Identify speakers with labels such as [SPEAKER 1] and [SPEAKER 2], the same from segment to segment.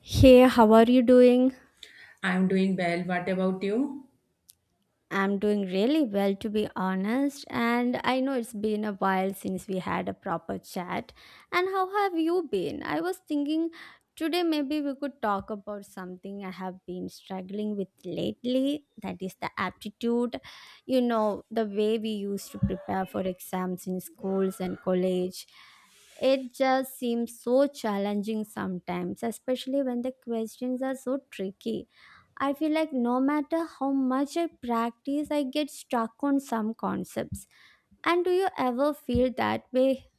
[SPEAKER 1] Hey, how are you doing?
[SPEAKER 2] I'm doing well. What about you?
[SPEAKER 1] I'm doing really well, to be honest. And I know it's been a while since we had a proper chat. And how have you been? I was thinking today maybe we could talk about something I have been struggling with lately that is the aptitude. You know, the way we used to prepare for exams in schools and college. It just seems so challenging sometimes, especially when the questions are so tricky. I feel like no matter how much I practice, I get stuck on some concepts. And do you ever feel that way?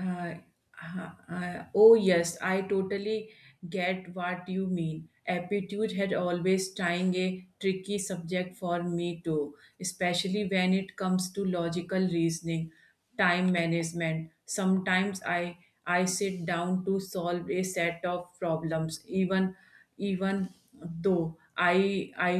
[SPEAKER 2] Uh, oh, yes, I totally get what you mean. Aptitude had always tying a tricky subject for me too, especially when it comes to logical reasoning, time management. Sometimes I sit down to solve a set of problems, even even though I, I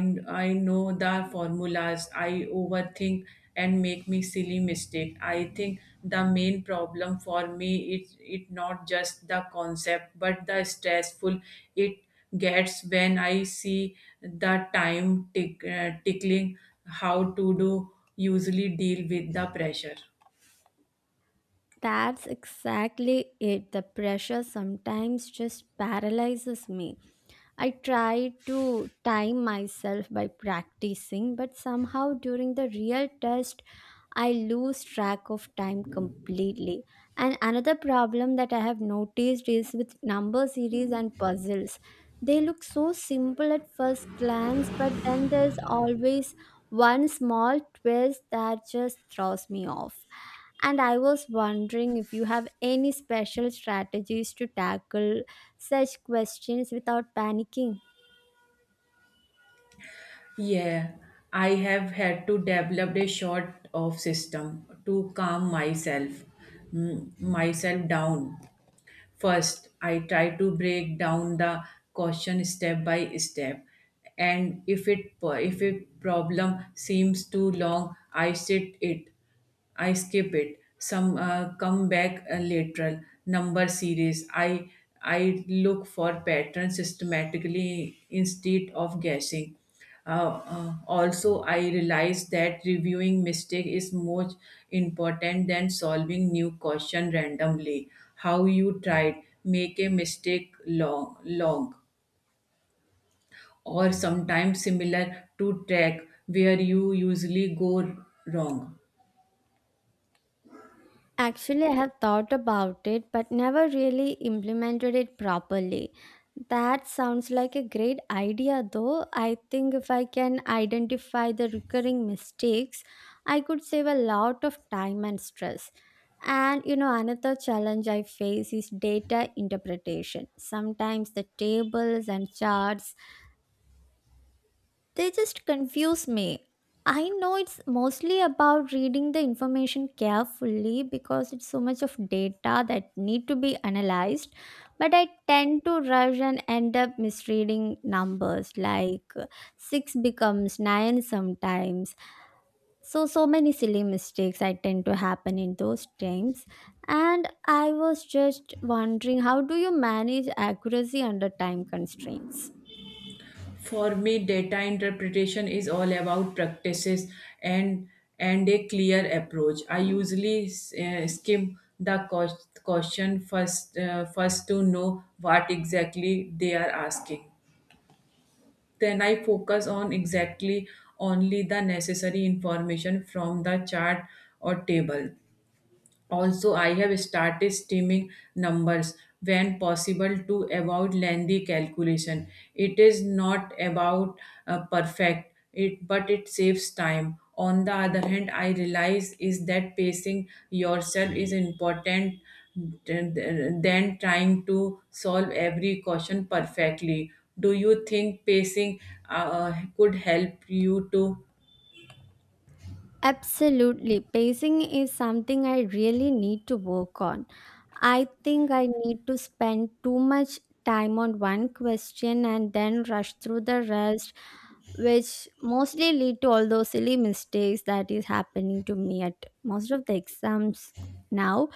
[SPEAKER 2] I know the formulas, I overthink and make me silly mistake. I think the main problem for me is it not just the concept but the stressful it gets when I see the time tick, tickling how to do usually deal with the pressure.
[SPEAKER 1] That's exactly it. The pressure sometimes just paralyzes me. I try to time myself by practicing, but somehow during the real test, I lose track of time completely. And another problem that I have noticed is with number series and puzzles. They look so simple at first glance, but then there's always one small twist that just throws me off. And I was wondering if you have any special strategies to tackle such questions without panicking.
[SPEAKER 2] Yeah, I have had to develop a short of system to calm myself down. First, I try to break down the question step by step, and if a problem seems too long, I skip it. Some come back later. Number series. I look for patterns systematically instead of guessing. Also, I realized that reviewing mistake is more important than solving new question randomly. How you tried make a mistake long, long, or sometimes similar to track where you usually go wrong.
[SPEAKER 1] Actually, I have thought about it but never really implemented it properly. That sounds like a great idea, though. I think if I can identify the recurring mistakes, I could save a lot of time and stress. And you know, another challenge I face is data interpretation. Sometimes the tables and charts they just confuse me. I know it's mostly about reading the information carefully because it's so much of data that need to be analyzed, but I tend to rush and end up misreading numbers like 6 becomes 9 sometimes. So many silly mistakes I tend to happen in those times. And I was just wondering, how do you manage accuracy under time constraints?
[SPEAKER 2] For me, data interpretation is all about practices and and a clear approach. I usually question first first to know what exactly they are asking. Then I focus on exactly only the necessary information from the chart or table. Also, I have started steaming numbers when possible to avoid lengthy calculation. It is not about perfect, it but it saves time. On the other hand, I realize is that pacing yourself is important than trying to solve every question perfectly. Do you think pacing could help you to?
[SPEAKER 1] Absolutely. Pacing is something I really need to work on. I think I need to spend too much time on one question and then rush through the rest, which mostly lead to all those silly mistakes that is happening to me at most of the exams now.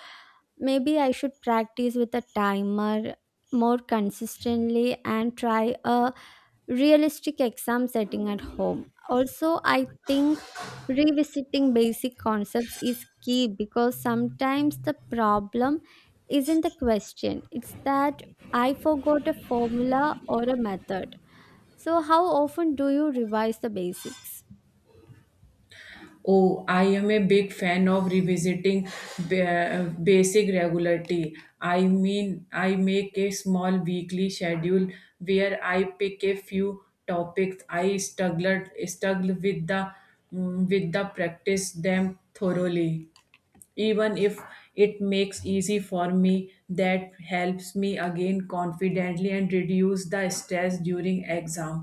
[SPEAKER 1] Maybe I should practice with a timer more consistently and try a realistic exam setting at home. Also, I think revisiting basic concepts is key because sometimes the problem isn't the question, it's that I forgot a formula or a method. So, how often do you revise the basics?
[SPEAKER 2] Oh, I am a big fan of revisiting basic regularity. I mean, I make a small weekly schedule where I pick a few topics I struggled struggle with the practice them thoroughly even if it makes easy for me that helps me again confidently and reduce the stress during exam.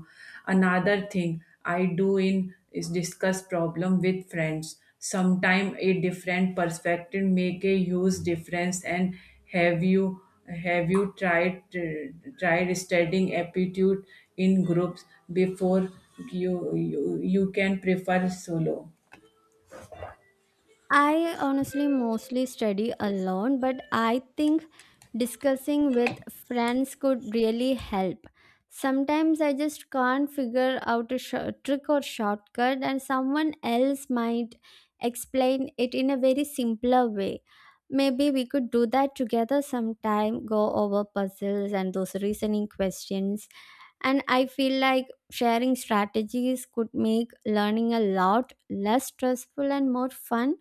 [SPEAKER 2] Another thing I do in is discuss problem with friends. Sometimes a different perspective make a huge difference. And have you have you tried studying aptitude in groups before? You can prefer solo.
[SPEAKER 1] I honestly mostly study alone, but I think discussing with friends could really help. Sometimes I just can't figure out a trick or shortcut, and someone else might explain it in a very simpler way. Maybe we could do that together sometime, go over puzzles and those reasoning questions. And I feel like sharing strategies could make learning a lot less stressful and more fun.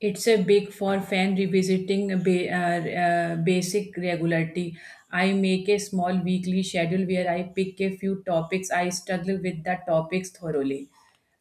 [SPEAKER 2] It's a big for fan revisiting basic regularity. I make a small weekly schedule where I pick a few topics. I struggle with the topics thoroughly.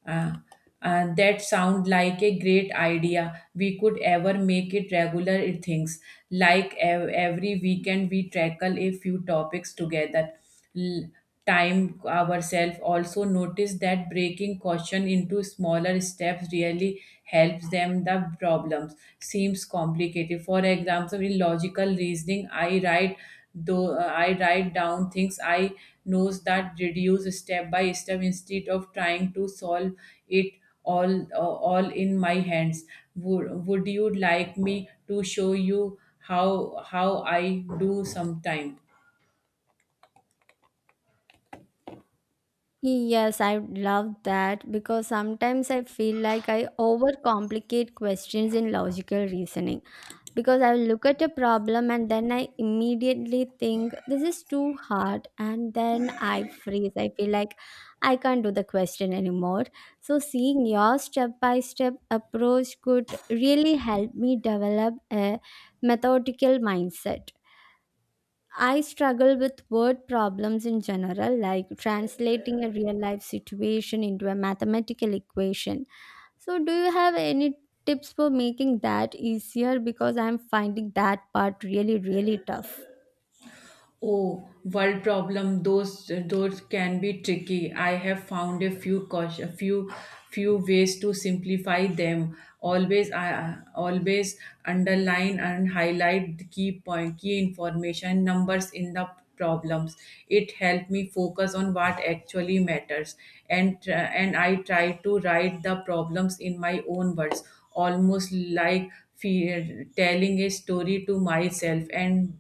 [SPEAKER 2] Uh, that sound like a great idea. We could ever make it regular it things. Like every weekend we tackle a few topics together. L- Time ourselves. Also notice that breaking caution into smaller steps really helps them. The problems seems complicated. For example, in logical reasoning, I write down things I knows that reduce step by step instead of trying to solve it all in my hands. Would you like me to show you how I do sometime?
[SPEAKER 1] Yes, I love that because sometimes I feel like I overcomplicate questions in logical reasoning. Because I look at a problem and then I immediately think this is too hard, and then I freeze. I feel like I can't do the question anymore. So, seeing your step by step approach could really help me develop a methodical mindset. I struggle with word problems in general, like translating a real life situation into a mathematical equation. So, do you have any tips for making that easier? Because I'm finding that part really, really tough.
[SPEAKER 2] Oh, world problem. Those can be tricky. I have found a few ways to simplify them. Always, I always underline and highlight the key point, key information, numbers in the problems. It helped me focus on what actually matters, and and I try to write the problems in my own words, almost like fear, telling a story to myself. And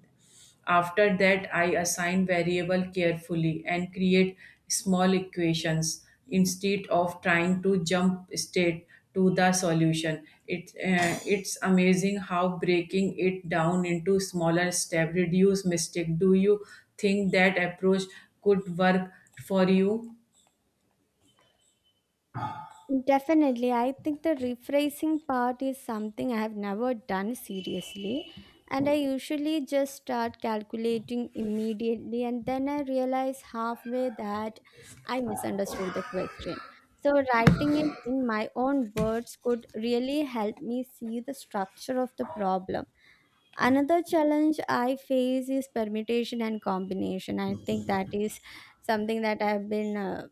[SPEAKER 2] after that, I assign variable carefully and create small equations instead of trying to jump straight to the solution. It's amazing how breaking it down into smaller steps reduce mistake. Do you think that approach could work for you?
[SPEAKER 1] Definitely. I think the rephrasing part is something I have never done seriously. And I usually just start calculating immediately, and then I realize halfway that I misunderstood the question. So, writing it in my own words could really help me see the structure of the problem. Another challenge I face is permutation and combination. I think that is something that I've been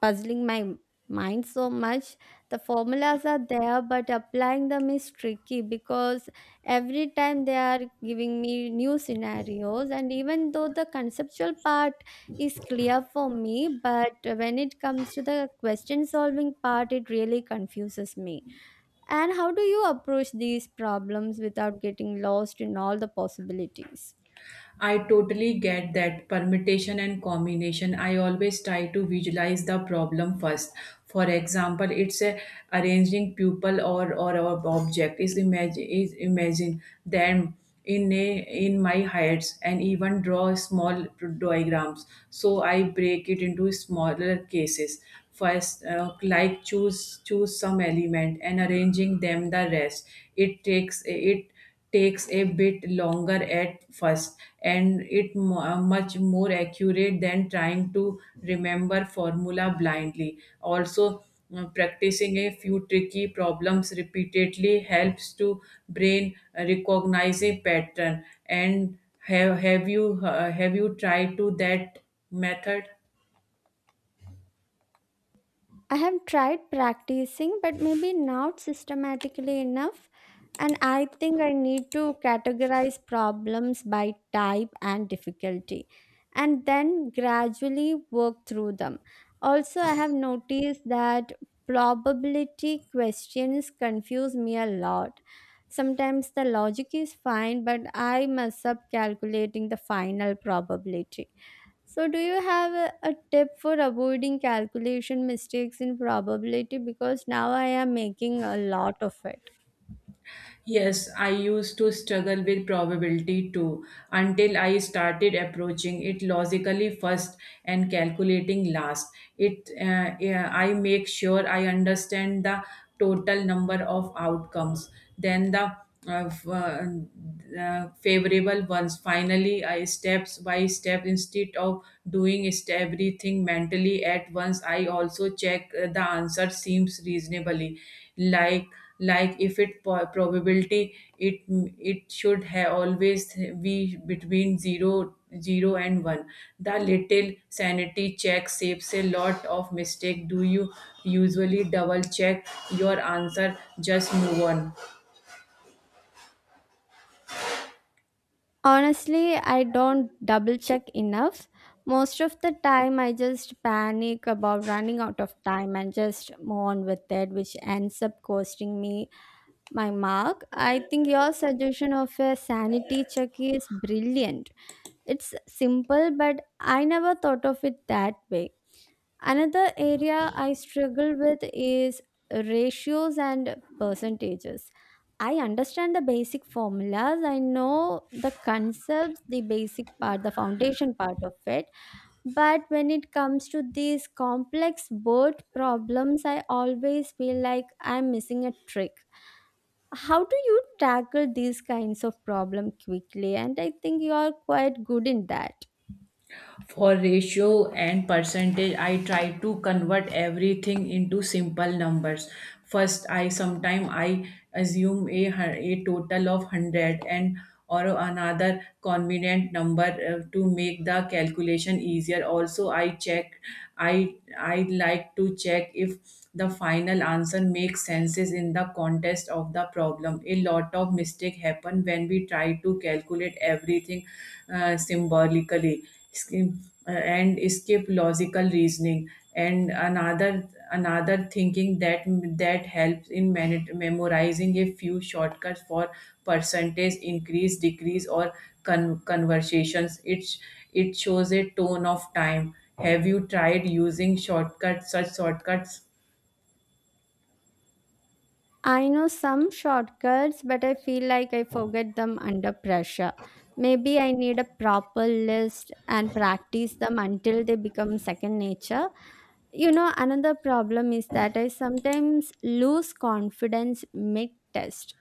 [SPEAKER 1] puzzling my mind so much. The formulas are there, but applying them is tricky because every time they are giving me new scenarios, and even though the conceptual part is clear for me, but when it comes to the question solving part, it really confuses me. And how do you approach these problems without getting lost in all the possibilities?
[SPEAKER 2] I totally get that permutation and combination. I always try to visualize the problem first. For example, it's a arranging pupil or a object is imagine them in my heads and even draw small diagrams. So I break it into smaller cases. First, like choose some element and arranging them the rest. It takes a bit longer at first, and it much more accurate than trying to remember formula blindly. Also, practicing a few tricky problems repeatedly helps to brain recognize a pattern. And have you tried to that method?
[SPEAKER 1] I have tried practicing, but maybe not systematically enough. And I think I need to categorize problems by type and difficulty and then gradually work through them. Also, I have noticed that probability questions confuse me a lot. Sometimes the logic is fine, but I mess up calculating the final probability. So, do you have a tip for avoiding calculation mistakes in probability? Because now I am making a lot of it.
[SPEAKER 2] Yes, I used to struggle with probability too until I started approaching it logically first and calculating last. It Yeah, I make sure I understand the total number of outcomes, then the uh, f- uh, favorable ones. Finally, I steps by step instead of doing is everything mentally at once. I also check the answer seems reasonably, like like if it probability it it should have always be between zero and 1. The little sanity check saves a lot of mistake. Do you usually double check your answer just move on?
[SPEAKER 1] Honestly, I don't double check enough. Most of the time, I just panic about running out of time and just move on with it, which ends up costing me my mark. I think your suggestion of a sanity check is brilliant. It's simple, but I never thought of it that way. Another area I struggle with is ratios and percentages. I understand the basic formulas, I know the concepts, the basic part, the foundation part of it. But when it comes to these complex word problems, I always feel like I'm missing a trick. How do you tackle these kinds of problem quickly? And I think you are quite good in that.
[SPEAKER 2] For ratio and percentage, I try to convert everything into simple numbers. First, I assume a total of 100 and or another convenient number to make the calculation easier. Also, I like to check if the final answer makes senses in the context of the problem. A lot of mistake happen when we try to calculate everything symbolically skip, and skip logical reasoning. And another thinking that that helps in memorizing a few shortcuts for percentage increase decrease or conversations. It shows a tone of time. Have you tried using shortcuts such shortcuts?
[SPEAKER 1] I know some shortcuts, but I feel like I forget them under pressure. Maybe I need a proper list and practice them until they become second nature. You know, another problem is that I sometimes lose confidence mid test.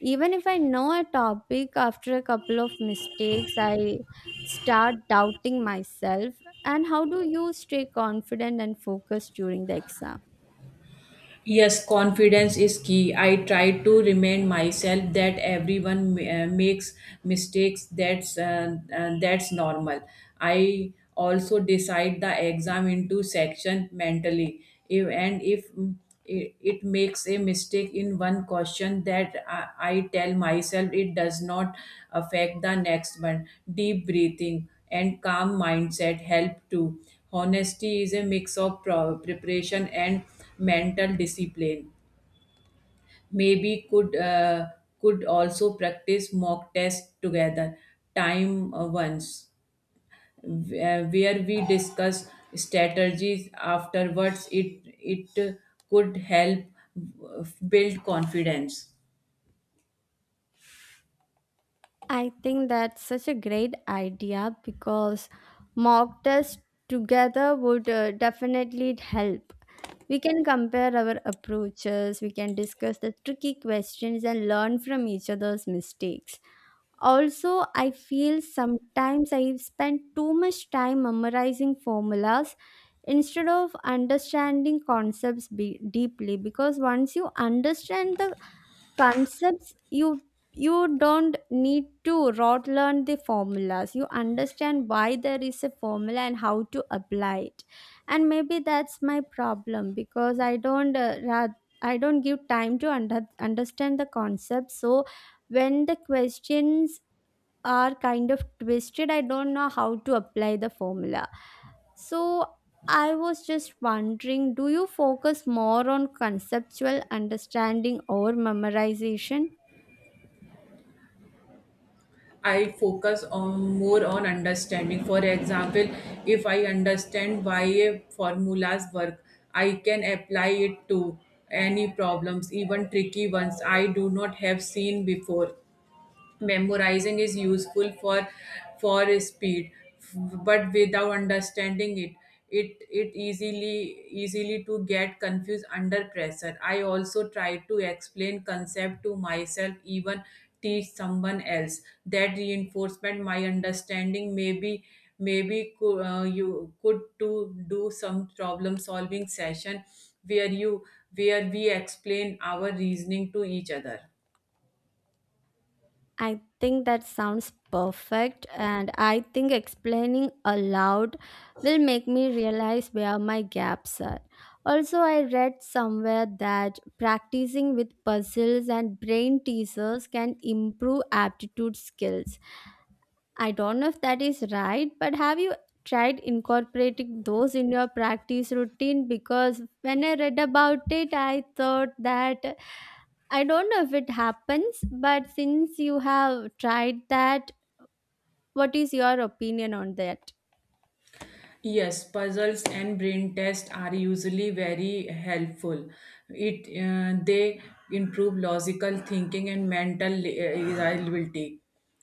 [SPEAKER 1] Even if I know a topic after a couple of mistakes, I start doubting myself. And how do you stay confident and focused during the exam?
[SPEAKER 2] Yes, confidence is key. I try to remind myself that everyone makes mistakes. That's normal. I also decide the exam into section mentally. If it makes a mistake in one question, that I tell myself it does not affect the next one. Deep breathing and calm mindset help too. Honesty is a mix of preparation and mental discipline. Maybe could also practice mock test together, time once, where we discuss strategies afterwards. It could help build confidence.
[SPEAKER 1] I think that's such a great idea because mock tests together would definitely help. We can compare our approaches, we can discuss the tricky questions and learn from each other's mistakes. Also, I feel sometimes I spend too much time memorizing formulas instead of understanding concepts deeply, because once you understand the concepts, you don't need to rote learn the formulas. You understand why there is a formula and how to apply it. And maybe that's my problem, because I don't give time to understand the concept. So when the questions are kind of twisted, I don't know how to apply the formula. So I was just wondering, do you focus more on conceptual understanding or memorization?
[SPEAKER 2] I focus on more on understanding. For example, if I understand why a formulas work, I can apply it to any problems, even tricky ones I do not have seen before. Memorizing is useful for speed, but without understanding it it it easily to get confused under pressure. I also try to explain concept to myself, even teach someone else. That reinforcement my understanding. Maybe you could to do some problem solving session where you where we explain our reasoning to each other.
[SPEAKER 1] I think that sounds perfect, and I think explaining aloud will make me realize where my gaps are. Also, I read somewhere that practicing with puzzles and brain teasers can improve aptitude skills. I don't know if that is right, but have you tried incorporating those in your practice routine? Because when I read about it, I thought that I don't know if it happens, but since you have tried that, what is your opinion on that?
[SPEAKER 2] Yes, puzzles and brain tests are usually very helpful. It They improve logical thinking and mental reliability,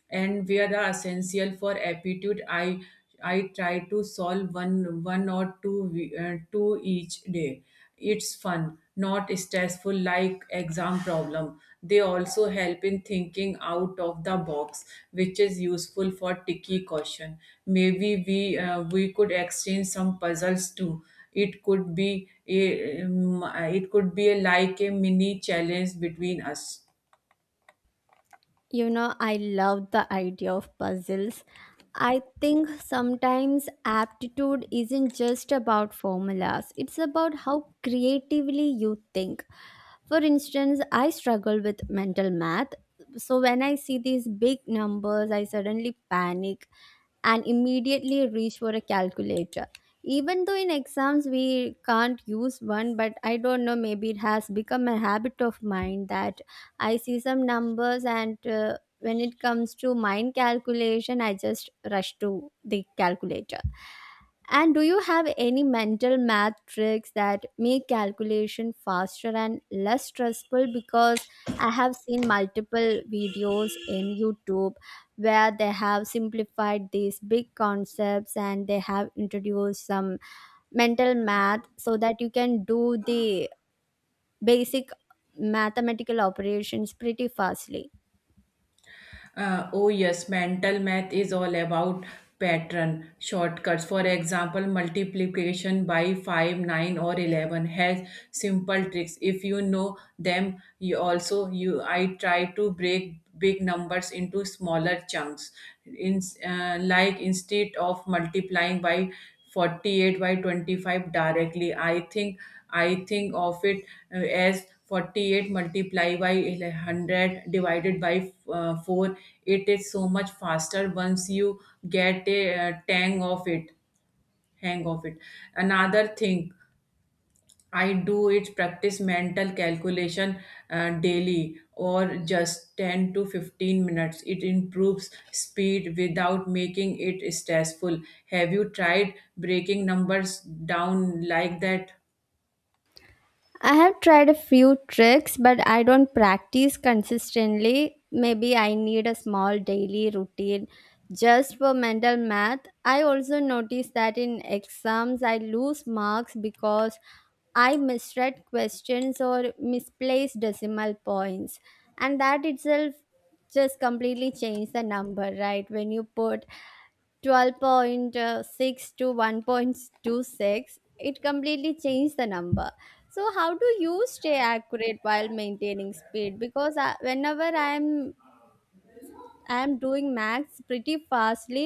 [SPEAKER 2] and we are essential for aptitude. I try to solve one or two each day. It's fun, not stressful like exam problem. They also help in thinking out of the box, which is useful for tricky question. Maybe we could exchange some puzzles too. It could be a, like a mini challenge between us.
[SPEAKER 1] You know, I love the idea of puzzles. I think sometimes aptitude isn't just about formulas, it's about how creatively you think. For instance, I struggle with mental math. So when I see these big numbers, I suddenly panic and immediately reach for a calculator. Even though in exams we can't use one, but I don't know, maybe it has become a habit of mine that I see some numbers and when it comes to mind calculation, I just rush to the calculator. And do you have any mental math tricks that make calculation faster and less stressful? Because I have seen multiple videos in YouTube where they have simplified these big concepts and they have introduced some mental math so that you can do the basic mathematical operations pretty fastly.
[SPEAKER 2] Oh yes, mental math is all about pattern shortcuts. For example, multiplication by 5, 9 or 11 has simple tricks. If you know them, you also you I try to break big numbers into smaller chunks. In Like instead of multiplying by 48 by 25 directly, I think of it as 48 multiplied by 100 divided by 4. It is so much faster once you get a tang of it hang of it. Another thing I do it practice mental calculation daily or just 10 to 15 minutes. It improves speed without making it stressful. Have you tried breaking numbers down like that?
[SPEAKER 1] I have tried a few tricks, but I don't practice consistently. Maybe I need a small daily routine just for mental math. I also notice that in exams I lose marks because I misread questions or misplaced decimal points. And that itself just completely changed the number, right? When you put 12.6 to 1.26, it completely changed the number. So how do you stay accurate while maintaining speed? Because whenever I'm doing maths pretty fastly,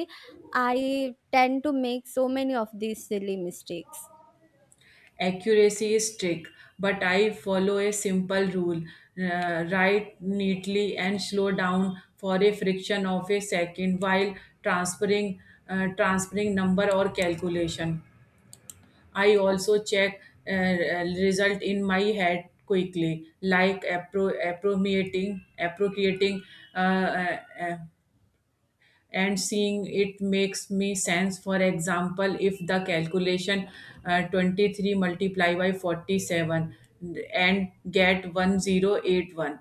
[SPEAKER 1] I tend to make so many of these silly mistakes.
[SPEAKER 2] Accuracy is trick, but I follow a simple rule. Write neatly and slow down for a fraction of a second while transferring transferring number or calculation. I also check result in my head quickly, like appropriating, uh, uh, uh, and seeing it makes me sense. For example, if the calculation 23 multiply by 47 and get 1081,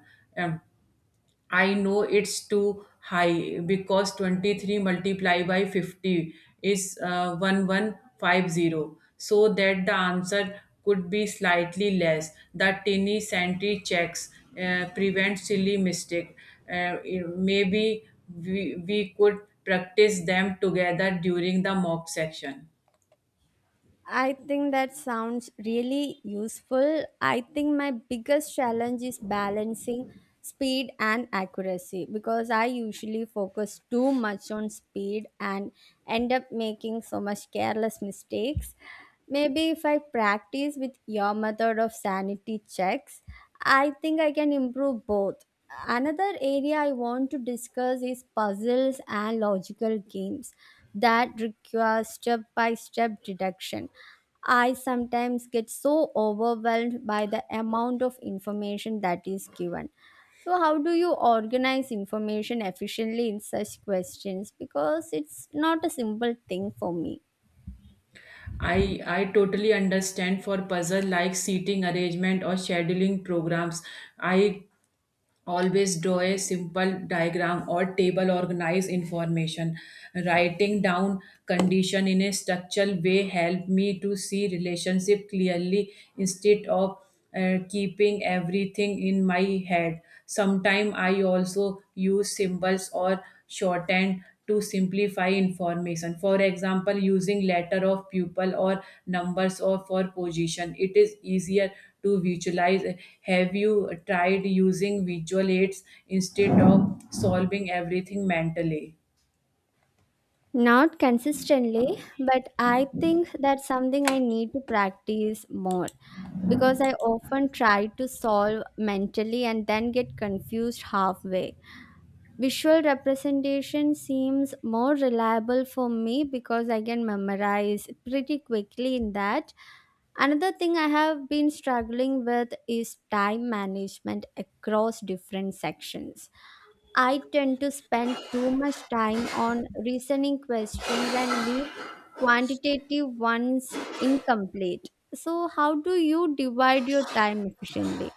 [SPEAKER 2] I know it's too high because 23 multiplied by 50 is 1150. So that the answer could be slightly less. The tiny sentry checks prevent silly mistake. Uh, Maybe we could practice them together during the mock section.
[SPEAKER 1] I think that sounds really useful. I think my biggest challenge is balancing speed and accuracy because I usually focus too much on speed and end up making so much careless mistakes. Maybe if I practice with your method of sanity checks, I think I can improve both. Another area I want to discuss is puzzles and logical games that require step by step deduction. I sometimes get so overwhelmed by the amount of information that is given. So how do you organize information efficiently in such questions? Because it's not a simple thing for me.
[SPEAKER 2] I totally understand for puzzle like seating arrangement or scheduling programs. I always draw a simple diagram or table organize information. Writing down condition in a structural way help me to see relationship clearly instead of keeping everything in my head. Sometimes I also use symbols or shortened to simplify information. For example, using letter of pupil or numbers or for position. It is easier to visualize. Have you tried using visual aids instead of solving everything mentally?
[SPEAKER 1] Not consistently, but I think that's something I need to practice more because I often try to solve mentally and then get confused halfway. Visual representation seems more reliable for me because I can memorize pretty quickly in that. Another thing I have been struggling with is time management across different sections. I tend to spend too much time on reasoning questions and leave quantitative ones incomplete. So, how do you divide your time efficiently?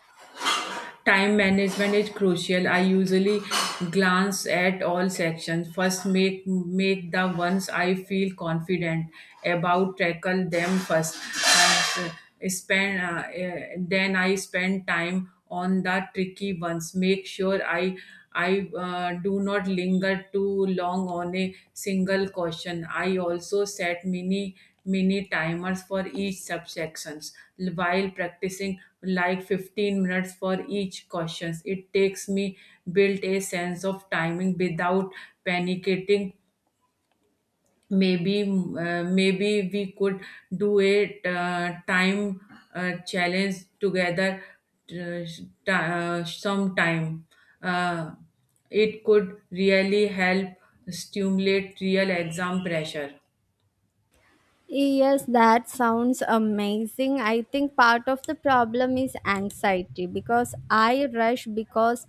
[SPEAKER 2] Time management is crucial. I usually glance at all sections. First, make the ones I feel confident about. Tackle them first. And, spend then I spend time on the tricky ones. Make sure I do not linger too long on a single question. I also set mini timers for each subsections while practicing, like 15 minutes for each questions. It takes me built a sense of timing without panicating. Maybe we could do a time challenge together sometime. uh, it could really help stimulate real exam pressure.
[SPEAKER 1] Yes, that sounds amazing. I think part of the problem is anxiety because I rush because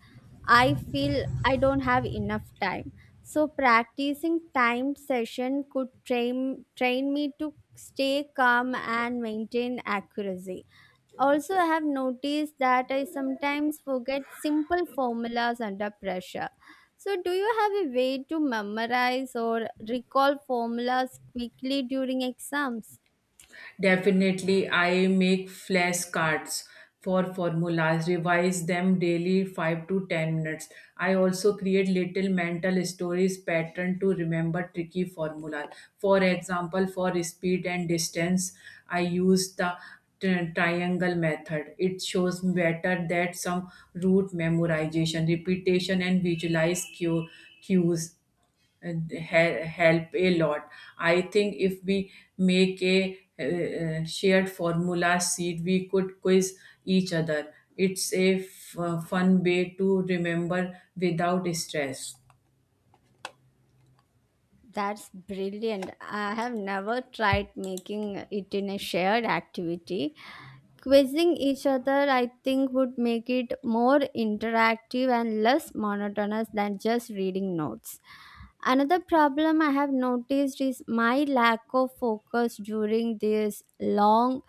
[SPEAKER 1] I feel I don't have enough time. So practicing time session could train me to stay calm and maintain accuracy. Also, I have noticed that I sometimes forget simple formulas under pressure. So, do you have a way to memorize or recall formulas quickly during exams?
[SPEAKER 2] Definitely, I make flashcards for formulas, revise them daily 5 to 10 minutes. I also create little mental stories pattern to remember tricky formula. For example, for speed and distance, I use the triangle method. It shows better that some route memorization, repetition, and cues and help a lot. I think if we make a shared formula seed, we could quiz each other. It's a fun way to remember without stress.
[SPEAKER 1] That's brilliant. I have never tried making it in a shared activity. Quizzing each other, I think, would make it more interactive and less monotonous than just reading notes. Another problem I have noticed is my lack of focus during these long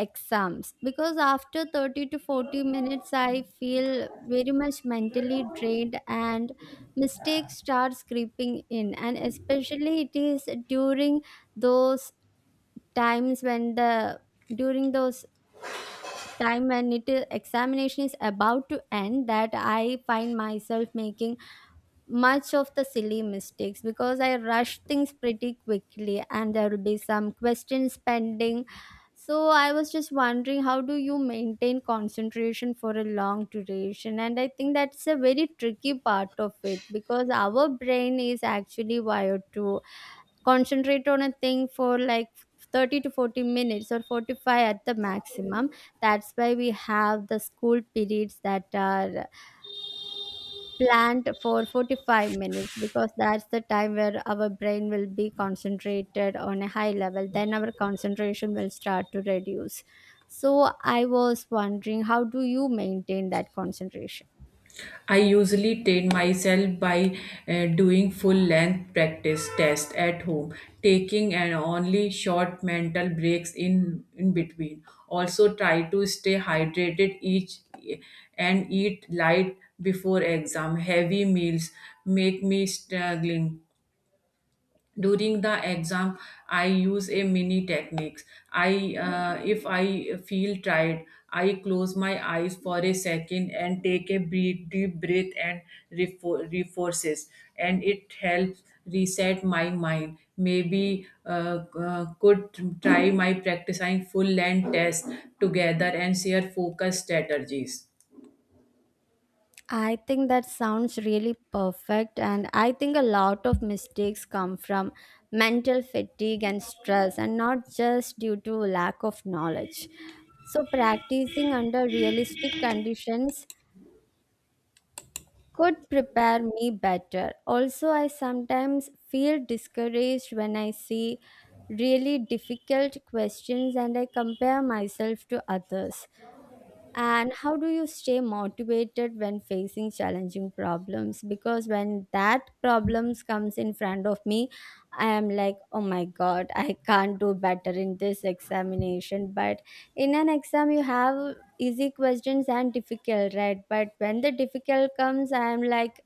[SPEAKER 1] exams because after 30 to 40 minutes, I feel very much mentally drained and mistakes start creeping in, and especially it is during those times when the during those time when it is examination is about to end, that I find myself making much of the silly mistakes because I rush things pretty quickly and there will be some questions pending. So I was just wondering, how do you maintain concentration for a long duration? And I think that's a very tricky part of it, because our brain is actually wired to concentrate on a thing for like 30 to 40 minutes or 45 at the maximum. That's why we have the school periods that are planned for 45 minutes, because that's the time where our brain will be concentrated on a high level. Then our concentration will start to reduce. So I was wondering, how do you maintain that concentration?
[SPEAKER 2] I usually train myself by doing full length practice tests at home, taking and only short mental breaks in between. Also, try to stay hydrated each and eat light before exam. Heavy meals make me struggling during the exam. I use a mini techniques. I If I feel tired, I close my eyes for a second and take a deep breath. And reforces, and it helps reset my mind. Maybe could try my practicing full length test together and share focus strategies.
[SPEAKER 1] I think that sounds really perfect. And I think a lot of mistakes come from mental fatigue and stress, and not just due to lack of knowledge. So, practicing under realistic conditions could prepare me better. Also, I sometimes feel discouraged when I see really difficult questions and I compare myself to others. And how do you stay motivated when facing challenging problems? Because when that problems comes in front of me, I am like, oh my god, I can't do better in this examination. But in an exam, you have easy questions and difficult, right? But when the difficult comes, I am like,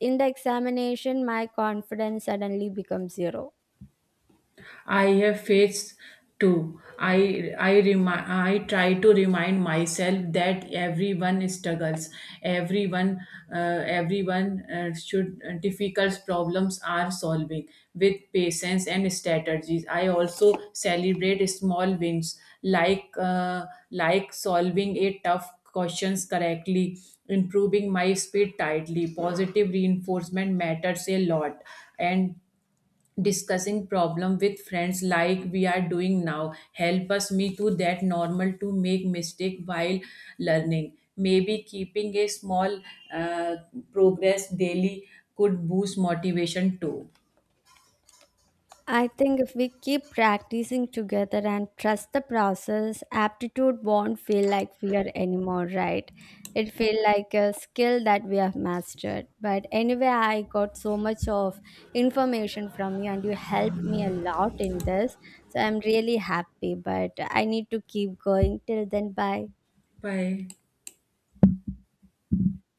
[SPEAKER 1] in the examination, my confidence suddenly becomes zero.
[SPEAKER 2] I have faced too. I try to remind myself that everyone struggles. Everyone Everyone should difficult problems are solving with patience and strategies. I also celebrate small wins, like uh, like solving a tough questions correctly, improving my speed tightly. Positive reinforcement matters a lot. And discussing problem with friends like we are doing now help us me to that normal to make mistake while learning. Maybe keeping a small uh, progress daily could boost motivation too.
[SPEAKER 1] I think if we keep practicing together and trust the process, aptitude won't feel like fear anymore, right? It feel like a skill that we have mastered. But anyway, I got so much of information from you and you helped me a lot in this. So I'm really happy, but I need to keep going. Till then, bye.
[SPEAKER 2] Bye.